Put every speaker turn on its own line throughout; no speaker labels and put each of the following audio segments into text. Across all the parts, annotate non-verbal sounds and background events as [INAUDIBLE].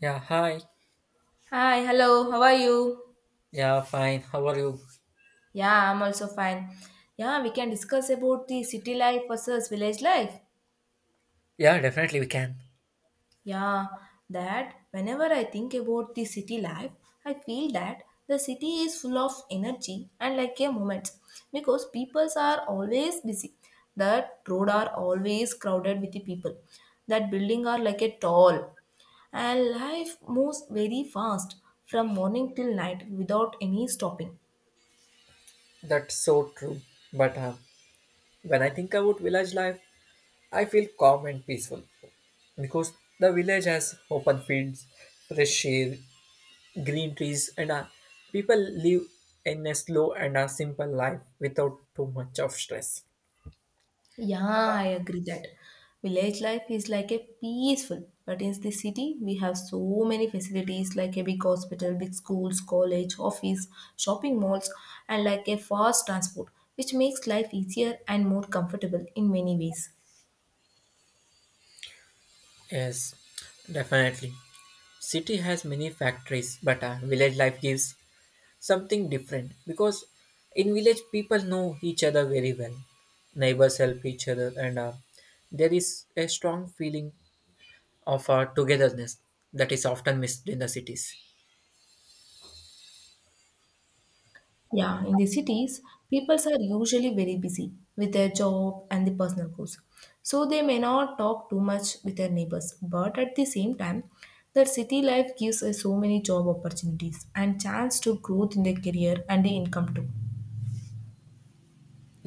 Yeah, hi.
Hi, hello, how are you?
Yeah, fine. How are you?
Yeah, I'm also fine. Yeah, we can discuss about the city life versus village life.
Yeah, definitely we can.
Yeah, that whenever I think about the city life, I feel that the city is full of energy and like a moment because peoples are always busy. That road are always crowded with the people. That building are like a tall and life moves very fast from morning till night without any stopping.
That's so true. But when I think about village life, I feel calm and peaceful because the village has open fields, fresh air, green trees, and people live in a slow and a simple life without too much of stress.
Yeah, I agree that village life is like a peaceful, but in the city we have so many facilities like a big hospital, big schools, college, office, shopping malls, and like a fast transport, which makes life easier and more comfortable in many ways.
Yes, definitely. City has many factories, but village life gives something different because in village people know each other very well, neighbors help each other and there is a strong feeling of togetherness that is often missed in the cities.
Yeah, in the cities, people are usually very busy with their job and the personal goals. So they may not talk too much with their neighbors. But at the same time, the city life gives us so many job opportunities and chance to growth in their career and the income too.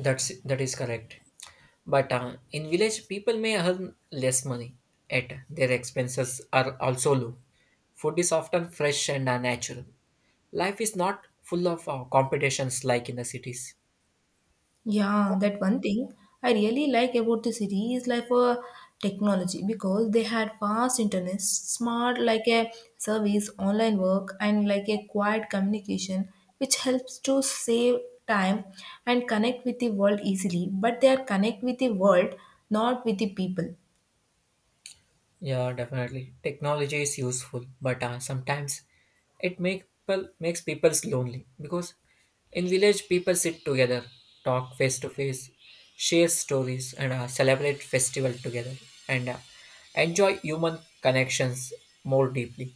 That is correct, but in village people may earn less money, yet their expenses are also low. Food is often fresh and natural. Life is not full of competitions like in the cities.
Yeah, that one thing I really like about the city is like for technology because they had fast internet, smart like a service, online work, and like a quiet communication, which helps to save time and connect with the world easily. But they are connect with the world, not with the people.
Yeah, definitely. Technology is useful, but sometimes it makes people lonely because in village people sit together, talk face to face, share stories, and celebrate festival together, and enjoy human connections more deeply.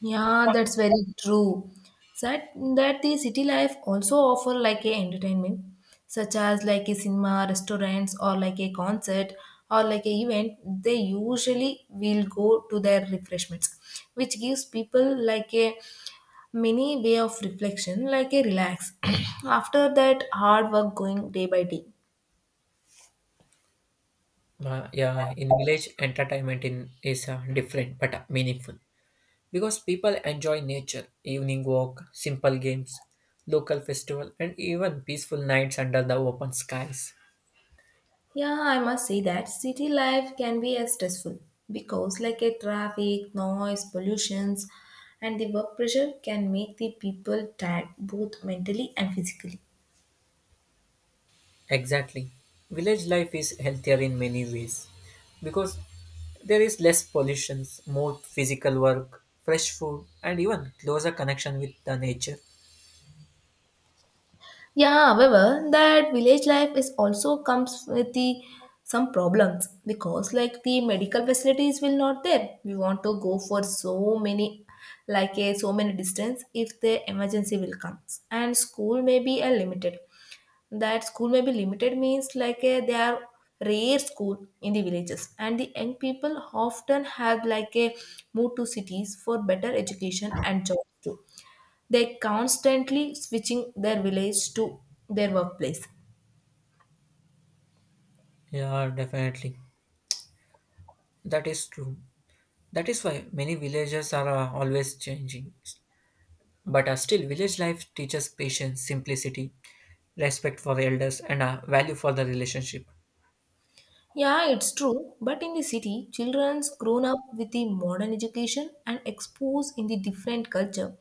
Yeah, that's very true. That the city life also offer like a entertainment, such as like a cinema, restaurants, or like a concert or like a event. They usually will go to their refreshments, which gives people like a mini way of reflection, like a relax [CLEARS THROAT] after that hard work going day by day.
Yeah, in village entertainment in is different but meaningful because people enjoy nature, evening walk, simple games, local festival, and even peaceful nights under the open skies.
Yeah, I must say that city life can be as stressful because, like a traffic, noise, pollutions, and the work pressure can make the people tired both mentally and physically.
Exactly. Village life is healthier in many ways because there is less pollution, more physical work, fresh food, and even closer connection with the nature.
Yeah, however, that village life is also comes with the some problems because like the medical facilities will not there. We want to go for so many like a so many distance if the emergency will comes, and school may be a limited, that school may be limited means like a, they are rare school in the villages and the young people often have like a move to cities for better education and jobs too. They constantly switching their village to their workplace.
Yeah, definitely. That is true. That is why many villages are always changing. But still, village life teaches patience, simplicity, respect for elders, and value for the relationship.
Yeah, it's true. But in the city, children's grown up with the modern education and exposed in the different culture.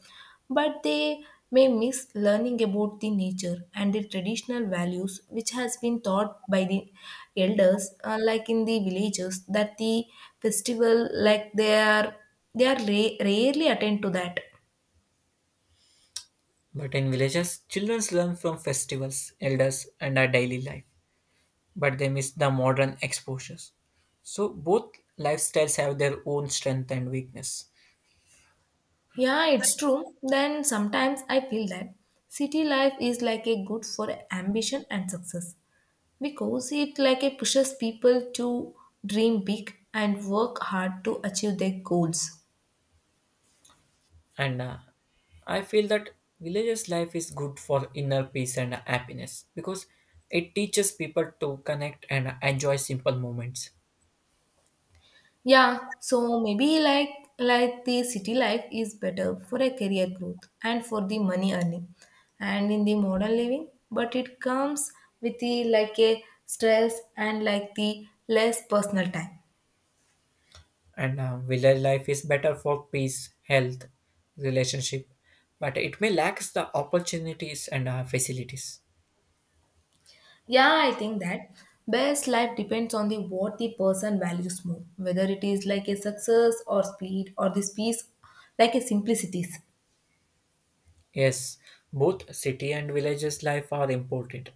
But they may miss learning about the nature and the traditional values which has been taught by the elders, like in the villages, that the festival like rarely attend to that.
But in villages, children learn from festivals, elders, and our daily life. But they miss the modern exposures. So both lifestyles have their own strength and weakness.
Yeah, it's true. Then sometimes I feel that city life is like a good for ambition and success, because it like it pushes people to dream big and work hard to achieve their goals.
And I feel that villagers' life is good for inner peace and happiness because it teaches people to connect and enjoy simple moments.
Yeah, so maybe like the city life is better for a career growth and for the money earning and in the modern living, but it comes with the like a stress and like the less personal time.
And Village life is better for peace, health, relationship, but it may lack the opportunities and facilities.
Yeah, I think that best life depends on the what the person values more, whether it is like a success or speed or this piece like a simplicities.
Yes, both city and villages life are important,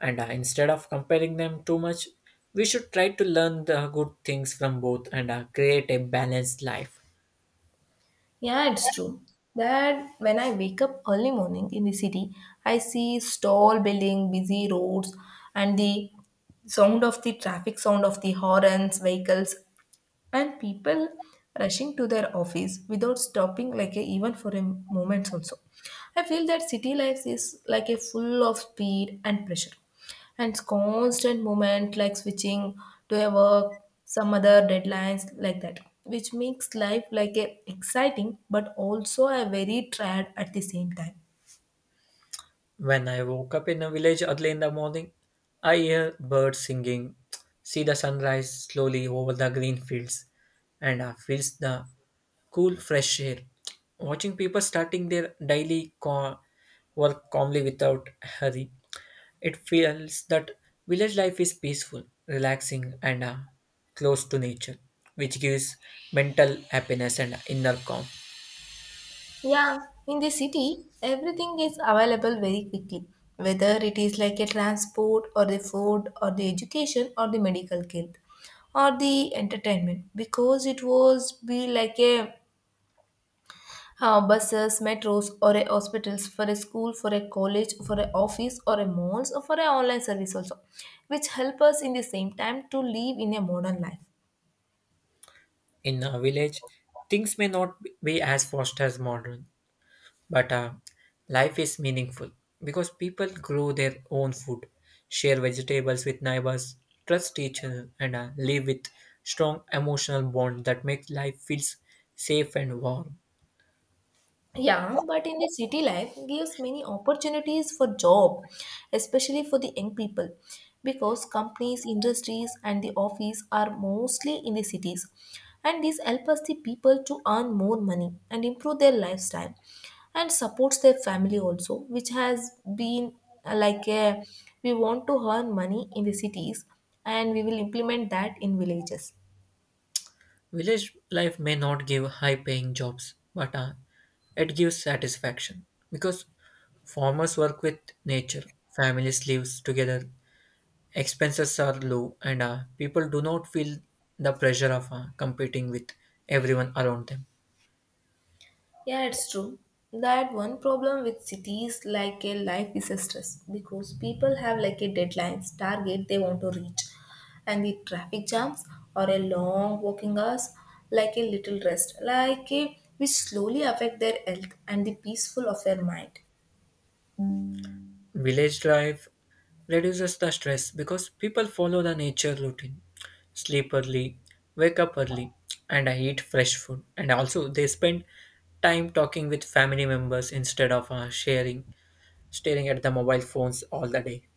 and instead of comparing them too much, we should try to learn the good things from both and create a balanced life.
Yeah, it's true that when I wake up early morning in the city, I see stall building, busy roads, and the sound of the traffic, sound of the horns, vehicles, and people rushing to their office without stopping like a, even for a moment also. I feel that city life is like a full of speed and pressure and constant movement, like switching to a work some other deadlines like that, which makes life like a exciting but also a very tired at the same time.
When I woke up in a village early in the morning, I hear birds singing, see the sunrise slowly over the green fields, and I feel the cool fresh air. Watching people starting their work calmly without hurry, it feels that village life is peaceful, relaxing, and close to nature, which gives mental happiness and inner calm.
Yeah, in the city, everything is available very quickly, whether it is like a transport or the food or the education or the medical care or the entertainment, because it was be like a buses, metros or a hospitals, for a school, for a college, for an office or a malls or for an online service also, which help us in the same time to live in a modern life.
In a village, things may not be as fast as modern. But life is meaningful because people grow their own food, share vegetables with neighbors, trust each other, and live with strong emotional bond that makes life feels safe and warm.
Yeah, but in the city life gives many opportunities for job, especially for the young people, because companies, industries, and the office are mostly in the cities, and this helps us the people to earn more money and improve their lifestyle, and supports their family also, which has been like a, we want to earn money in the cities, and we will implement that in villages.
Village life may not give high-paying jobs, but it gives satisfaction because farmers work with nature, families live together, expenses are low, and people do not feel the pressure of competing with everyone around them.
Yeah, it's true. That one problem with cities like a life is a stress because people have like a deadlines, target they want to reach, and the traffic jams or a long walking hours, like a little rest, like a which slowly affect their health and the peaceful of their mind.
Village life reduces the stress because people follow the nature routine, sleep early, wake up early, and eat fresh food. And also, they spend time talking with family members instead of staring at the mobile phones all the day.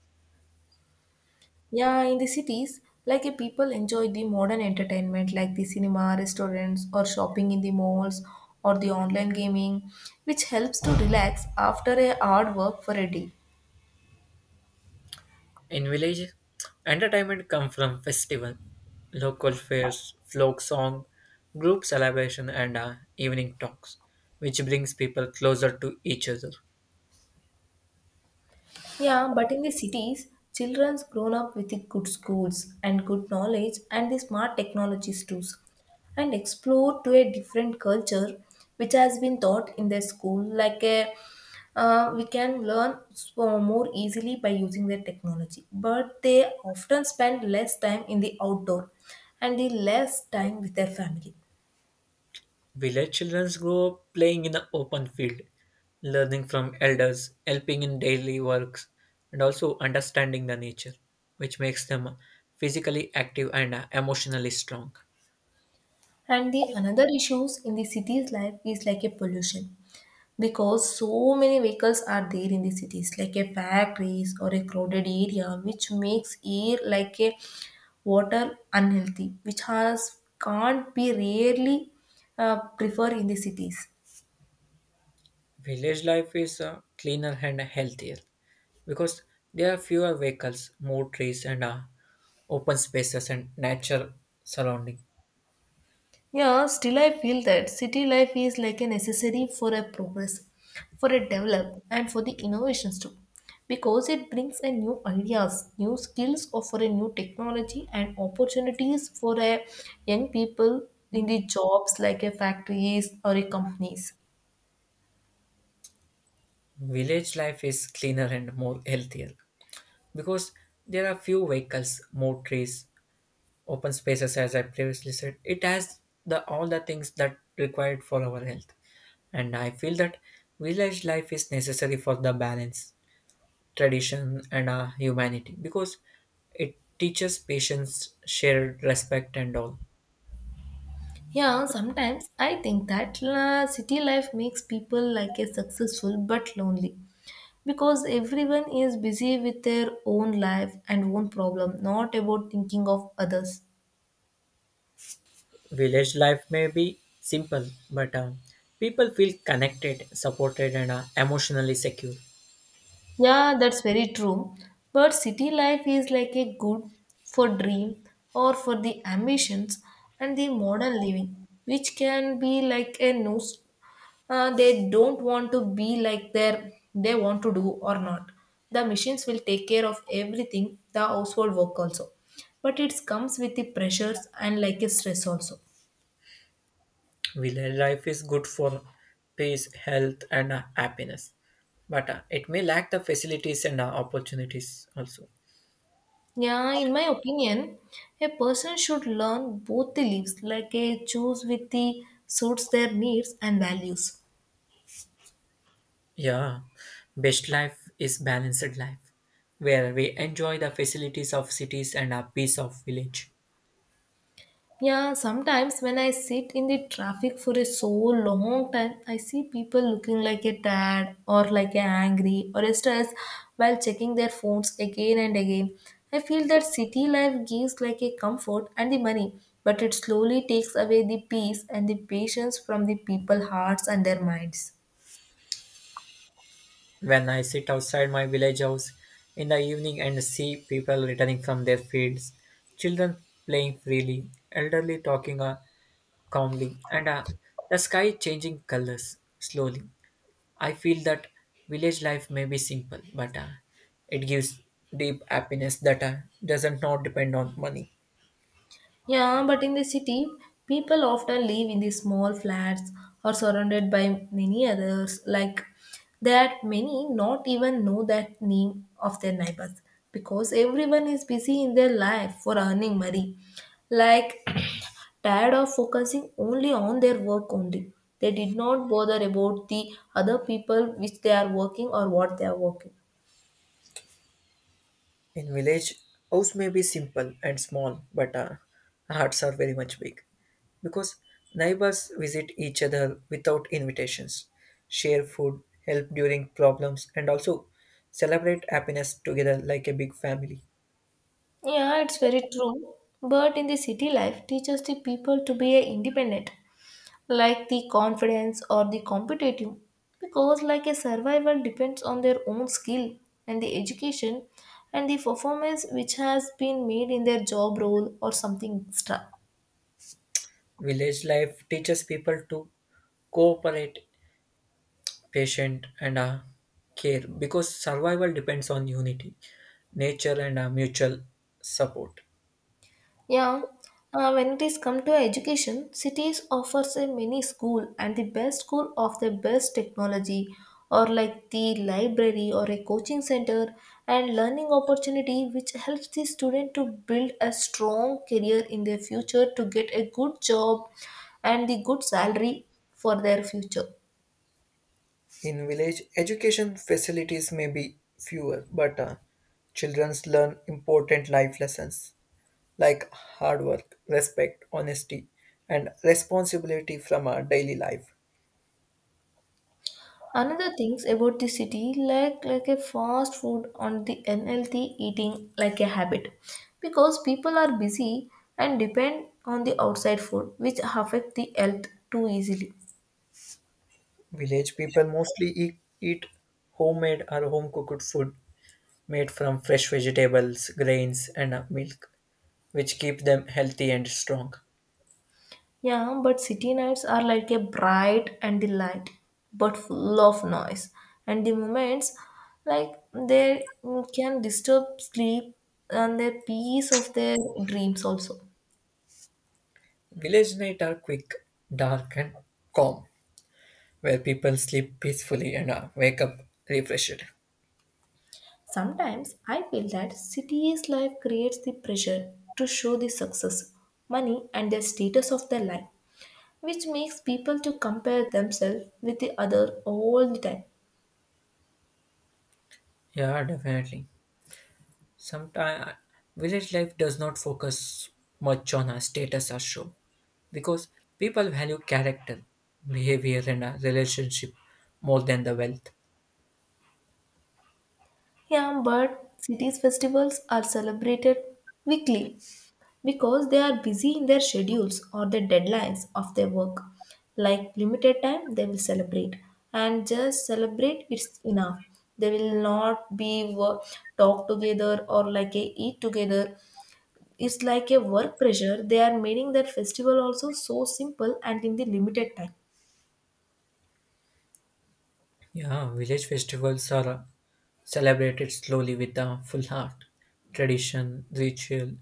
Yeah, in the cities, like a people enjoy the modern entertainment like the cinema, restaurants, or shopping in the malls or the online gaming, which helps to relax after a hard work for a day.
In village, entertainment comes from festival, local fairs, folk song, group celebration, and evening talks, which brings people closer to each other.
Yeah, but in the cities, children's grown up with the good schools and good knowledge and the smart technologies too, and explore to a different culture which has been taught in their school. Like a, we can learn so more easily by using their technology, but they often spend less time in the outdoor and the less time with their family.
Village children grow up playing in the open field, learning from elders, helping in daily works, and also understanding the nature, which makes them physically active and emotionally strong.
And the another issues in the city's life is like a pollution, because so many vehicles are there in the cities like a factories or a crowded area, which makes air like a water unhealthy, which has can't be rarely prefer in the cities.
Village life is cleaner and healthier because there are fewer vehicles, more trees, and open spaces and nature surrounding.
Yeah, still I feel that city life is like a necessary for a progress, for a develop, and for the innovations too. Because it brings a new ideas, new skills, or for a new technology and opportunities for a young people in the jobs like a factories or a companies.
Village life is cleaner and more healthier because there are few vehicles, more trees, open spaces. As I previously said, it has the all the things that required for our health, and I feel that village life is necessary for the balance, tradition and humanity because it teaches patience, shared respect and all.
Yeah, sometimes I think that la, city life makes people like a successful but lonely because everyone is busy with their own life and own problem, not about thinking of others.
Village life may be simple, but people feel connected, supported and emotionally secure.
Yeah, that's very true. But city life is like a good for dream or for the ambitions and the modern living, which can be like a no, they don't want to be like their, they want to do or not, the machines will take care of everything, the household work also, but it comes with the pressures and like a stress also.
Well, life is good for peace, health, and happiness, but it may lack the facilities and opportunities also.
Yeah, in my opinion, a person should learn both the leaves like a choose with the suits their needs and values.
Yeah, best life is balanced life, where we enjoy the facilities of cities and a peace of village.
Yeah, sometimes when I sit in the traffic for a so long time, I see people looking like a tad or like a angry or a stressed while checking their phones again and again. I feel that city life gives like a comfort and the money, but it slowly takes away the peace and the patience from the people hearts and their minds.
When I sit outside my village house in the evening and see people returning from their fields, children playing freely, elderly talking calmly, and the sky changing colors slowly. I feel that village life may be simple, but it gives deep happiness that doesn't not depend on money.
Yeah, but in the city, people often live in the small flats or surrounded by many others, like that many not even know that name of their neighbors, because everyone is busy in their life for earning money. Like tired of focusing only on their work only. They did not bother about the other people which they are working or what they are working.
In village, house may be simple and small, but hearts are very much big because neighbors visit each other without invitations, share food, help during problems, and also celebrate happiness together like a big family.
Yeah, it's very true. But in the city life, teaches the people to be independent, like the confidence or the competitive, because like a survival depends on their own skill and the education and the performance which has been made in their job role or something extra.
Village life teaches people to cooperate, patient and care because survival depends on unity, nature and mutual support.
Yeah, when it is come to education, cities offers a mini school and the best school of the best technology or like the library or a coaching center and learning opportunity, which helps the student to build a strong career in their future to get a good job and the good salary for their future.
In village education facilities may be fewer, but children learn important life lessons like hard work, respect, honesty and responsibility from our daily life.
Another things about the city like a fast food on the unhealthy eating like a habit, because people are busy and depend on the outside food which affect the health too easily.
Village people mostly eat homemade or home cooked food made from fresh vegetables, grains, and milk, which keep them healthy and strong.
Yeah, but city nights are like a bright and the light, but full of noise. And the moments like they can disturb sleep and the peace of their dreams also.
Village nights are quick, dark, and calm, where people sleep peacefully and wake up refreshed.
Sometimes I feel that city's life creates the pressure to show the success, money and the status of their life, which makes people to compare themselves with the other all the time.
Yeah, definitely. Sometimes village life does not focus much on a status or show because people value character, behavior, and a relationship more than the wealth.
Yeah, but cities festivals are celebrated weekly because they are busy in their schedules or the deadlines of their work. Like limited time they will celebrate and just celebrate it's enough. They will not be talk together or like a eat together. It's like a work pressure. They are making that festival also so simple and in the limited time.
Yeah, village festivals are celebrated slowly with a full heart. Tradition, ritual,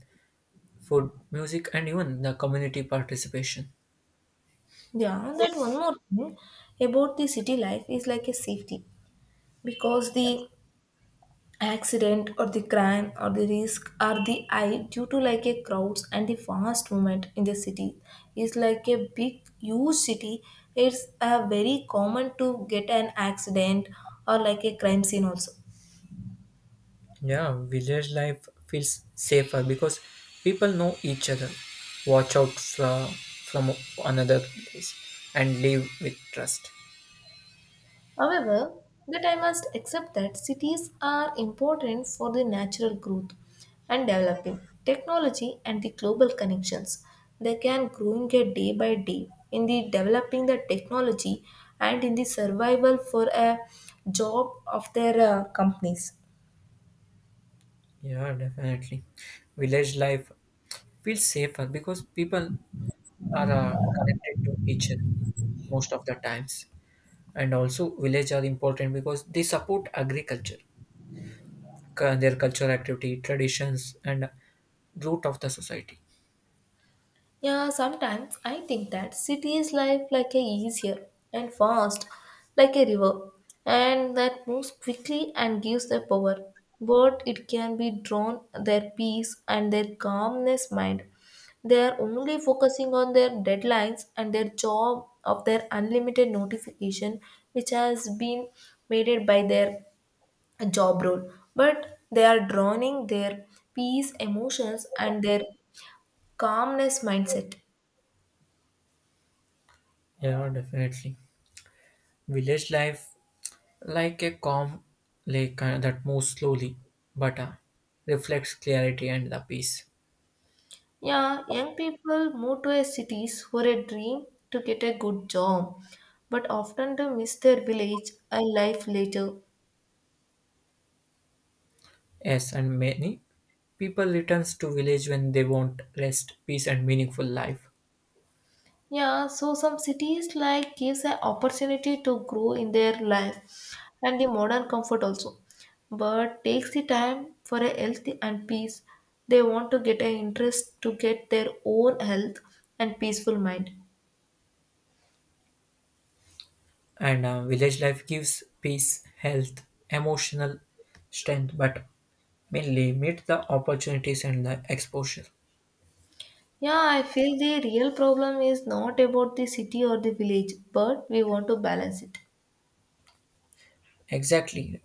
food, music, and even the community participation.
Yeah, that one more thing about the city life is like a safety because the accident or the crime or the risk are the high due to like a crowds and the fast movement in the city is like a big huge city. It's a very common to get an accident or like a crime scene also.
Yeah, village life feels safer because people know each other, watch out fra- from another place, and live with trust.
However, that I must accept that cities are important for the natural growth and developing technology and the global connections. They can growing a day by day in the developing the technology and in the survival for a job of their companies.
Yeah, definitely. Village life feels safer because people are connected to each other most of the times. And also village are important because they support agriculture, their cultural activity, traditions and root of the society.
Yeah, sometimes I think that city is life like a easier and fast, like a river, and that moves quickly and gives the power. But it can be drawn their peace and their calmness mind. They are only focusing on their deadlines and their job of their unlimited notification, which has been made by their job role. But they are drowning their peace, emotions, and their calmness mindset.
Yeah, definitely. Village life like a calm lake that moves slowly but reflects clarity and the peace.
Yeah, young people move to a cities for a dream to get a good job, but often they miss their village a life later.
Yes, and many people returns to village when they want rest, peace and meaningful life.
Yeah, so some cities like gives an opportunity to grow in their life and the modern comfort also, but takes the time for a healthy and peace. They want to get an interest to get their own health and peaceful mind.
And Village life gives peace, health, emotional strength but mainly meet the opportunities and the exposure.
Yeah, I feel the real problem is not about the city or the village, but we want to balance it.
Exactly,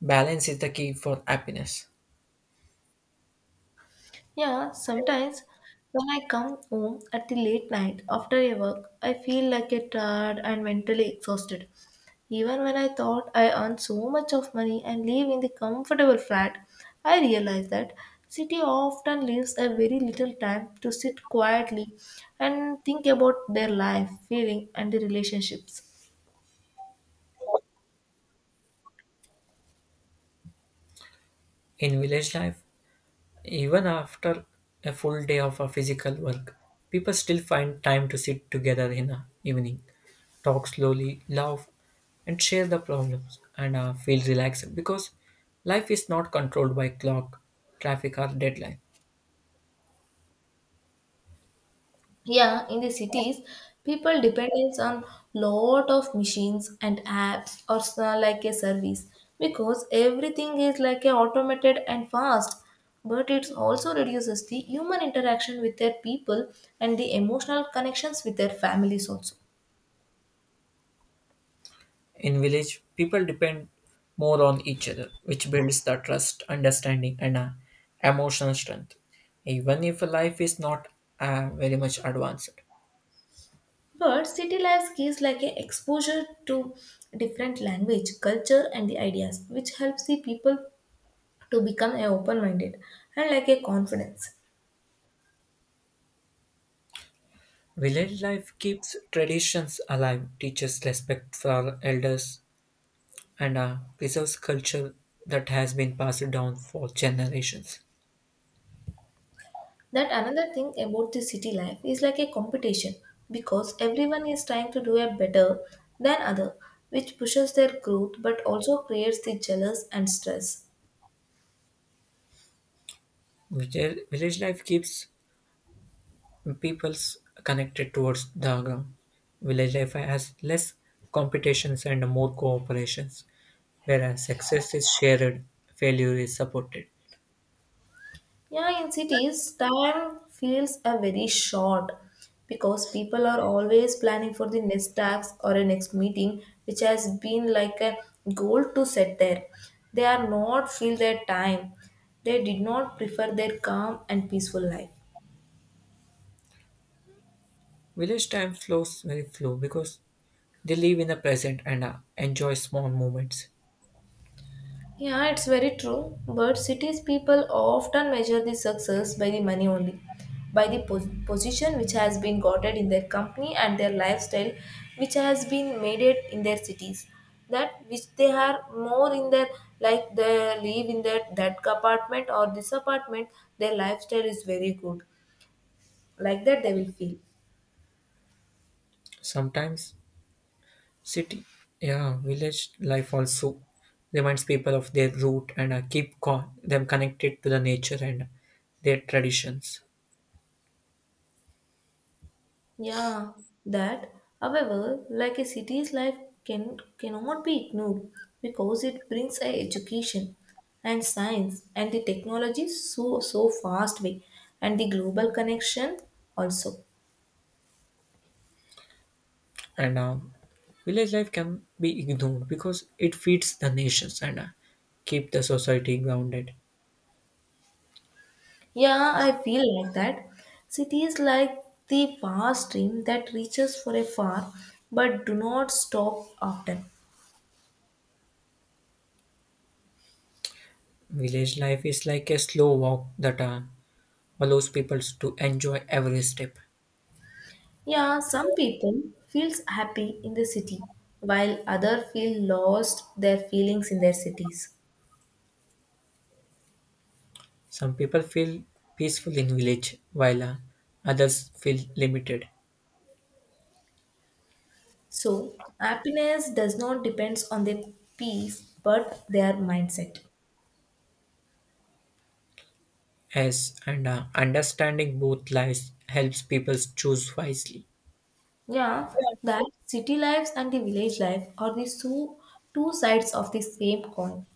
balance is the key for happiness.
Yeah, sometimes when I come home at the late night after a work, I feel like a tired and mentally exhausted. Even when I thought I earned so much of money and live in the comfortable flat, I realized that city often leaves a very little time to sit quietly and think about their life, feeling and the relationships.
In village life, even after a full day of physical work, people still find time to sit together in the evening, talk slowly, laugh and share the problems and feel relaxed because life is not controlled by clock, traffic or deadline.
Yeah, in the cities, people depends on lot of machines and apps or like a service because everything is like a automated and fast. But it also reduces the human interaction with their people and the emotional connections with their families also.
In village, people depend more on each other, which builds the trust, understanding, and emotional strength. Even if life is not very much advanced,
But city life gives like a exposure to different language, culture, and the ideas, which helps the people to become a open-minded and like a confidence.
village life keeps traditions alive, teaches respect for elders, and preserves culture that has been passed down for generations.
That another thing about the city life is like a competition because everyone is trying to do a better than other, which pushes their growth but also creates the jealous and stress.
Village life keeps peoples connected towards the ground. Village life has less competitions and more cooperations. Whereas success is shared, failure is supported.
Yeah, in cities, time feels a very short because people are always planning for the next task or a next meeting, which has been like a goal to set there. They are not feel their time. They did not prefer their calm and peaceful life.
Village time flows very flow because they live in the present and enjoy small moments.
Yeah, it's very true. But cities people often measure the success by the money only, by the position which has been gotten in their company and their lifestyle, which has been made it in their cities. That which they are more in their like they live in that apartment or this apartment, their lifestyle is very good. Like that, they will feel.
Sometimes city, yeah, village life also reminds people of their root and them connected to the nature and their traditions.
Yeah, that. However, like a city's life cannot be ignored because it brings a education and science and the technology so fast way and the global connection also.
And Village life can be ignored because it feeds the nations and keep the society grounded.
Yeah, I feel like that. City is like the fast stream that reaches for a far but do not stop often.
Village life is like a slow walk that allows people to enjoy every step.
Yeah, some people feels happy in the city while other feel lost their feelings in their cities.
Some people feel peaceful in village, while others feel limited.
So, happiness does not depend on their peace but their mindset.
Yes, and understanding both lives helps people choose wisely.
Yeah, that city lives and the village life are the two sides of the same coin.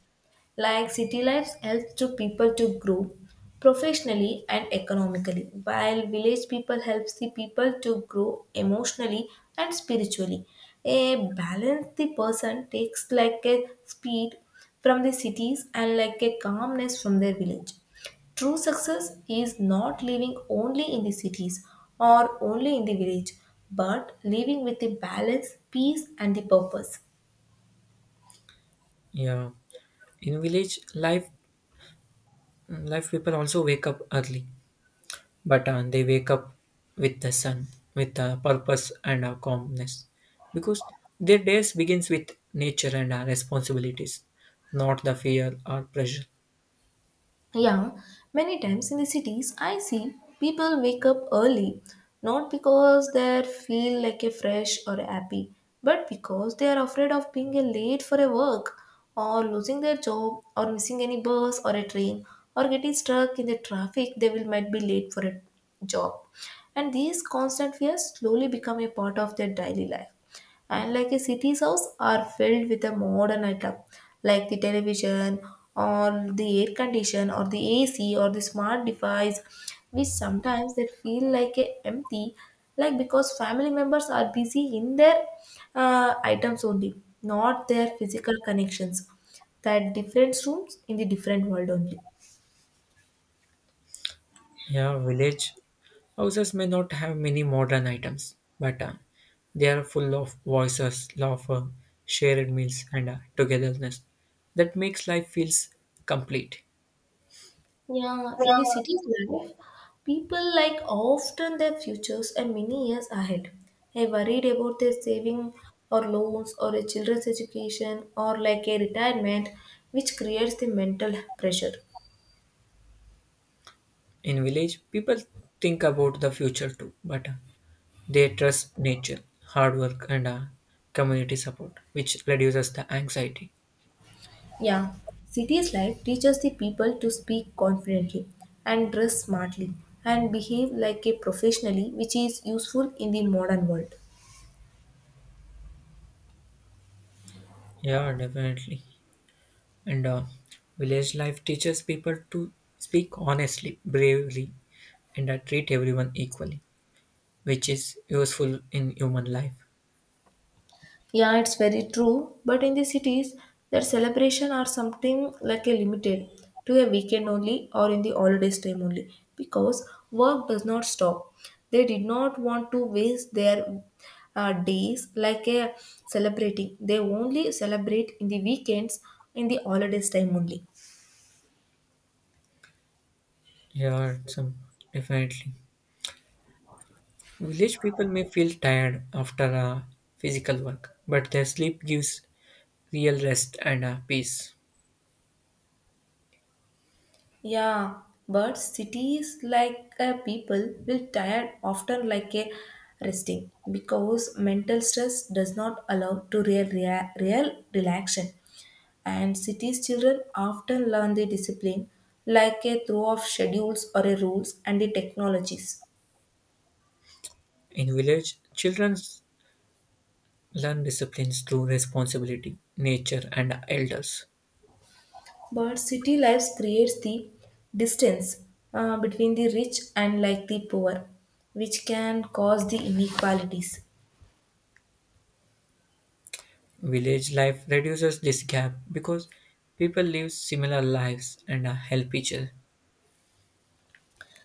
Like city life helps to people to grow professionally and economically, while village people helps the people to grow emotionally and spiritually. A balanced the person takes like a speed from the cities and like a calmness from their village. True success is not living only in the cities or only in the village, but living with the balance, peace, and the purpose.
Yeah, in village life, life people also wake up early, but they wake up with the sun, with purpose and calmness, because their days begins with nature and responsibilities, not the fear or pressure.
Yeah, many times in the cities, I see people wake up early not because they feel like a fresh or happy, but because they are afraid of being a late for a work or losing their job or missing any bus or a train or getting stuck in the traffic. They will might be late for a job, and these constant fears slowly become a part of their daily life and like a city's house are filled with the modern item like the television or the air condition or the ac or the smart device which sometimes they feel like a empty like because family members are busy in their items only, not their physical connections, that different rooms in the different world only.
Yeah, village houses may not have many modern items, but they are full of voices, laughter, shared meals, and togetherness. That makes life feels complete.
Yeah, in the city's life, people like often their futures and many years ahead. They're worried about their saving or loans or a children's education or like a retirement, which creates the mental pressure.
In village, people think about the future too, but they trust nature, hard work, and community support, which reduces the anxiety.
Yeah, city's life teaches the people to speak confidently and dress smartly and behave like a professionally, which is useful in the modern world.
Yeah, definitely. And Village life teaches people to speak honestly, bravely, and treat everyone equally, which is useful in human life.
Yeah, it's very true. But in the cities, that celebration are something like a limited to a weekend only or in the holidays time only because work does not stop. They did not want to waste their days like a celebrating. They only celebrate in the weekends in the holidays time only.
Yeah, some definitely. Village people may feel tired after physical work, but their sleep gives real rest and peace.
Yeah, but cities like people will tired often like a resting because mental stress does not allow to real relaxation, and cities children often learn the discipline like a throw of schedules or a rules and the technologies,
In village, children learn disciplines through responsibility, nature, and elders.
but city life creates the distance between the rich and like the poor, which can cause the inequalities.
Village life reduces this gap because people live similar lives and help each other.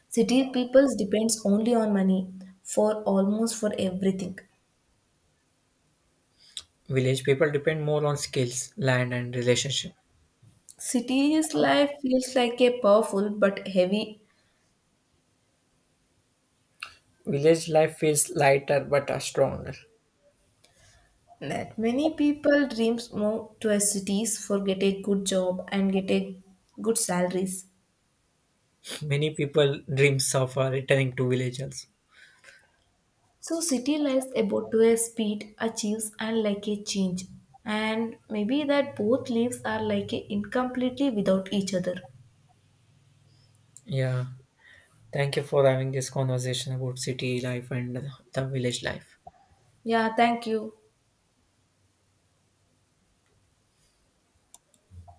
City peoples depends only on money for almost for everything.
Village people depend more on skills, land, and relationship.
City's life feels like a powerful but heavy
Village life feels lighter but stronger.
net. Many people dreams move to a cities for get a good job and get a good salaries.
[LAUGHS] Many people dreams of returning to village also.
So city life about to a speed achieves and like a change. And maybe that both lives are like a incompletely without each other.
Yeah. Thank you for having this conversation about city life and the village life.
Yeah, thank you.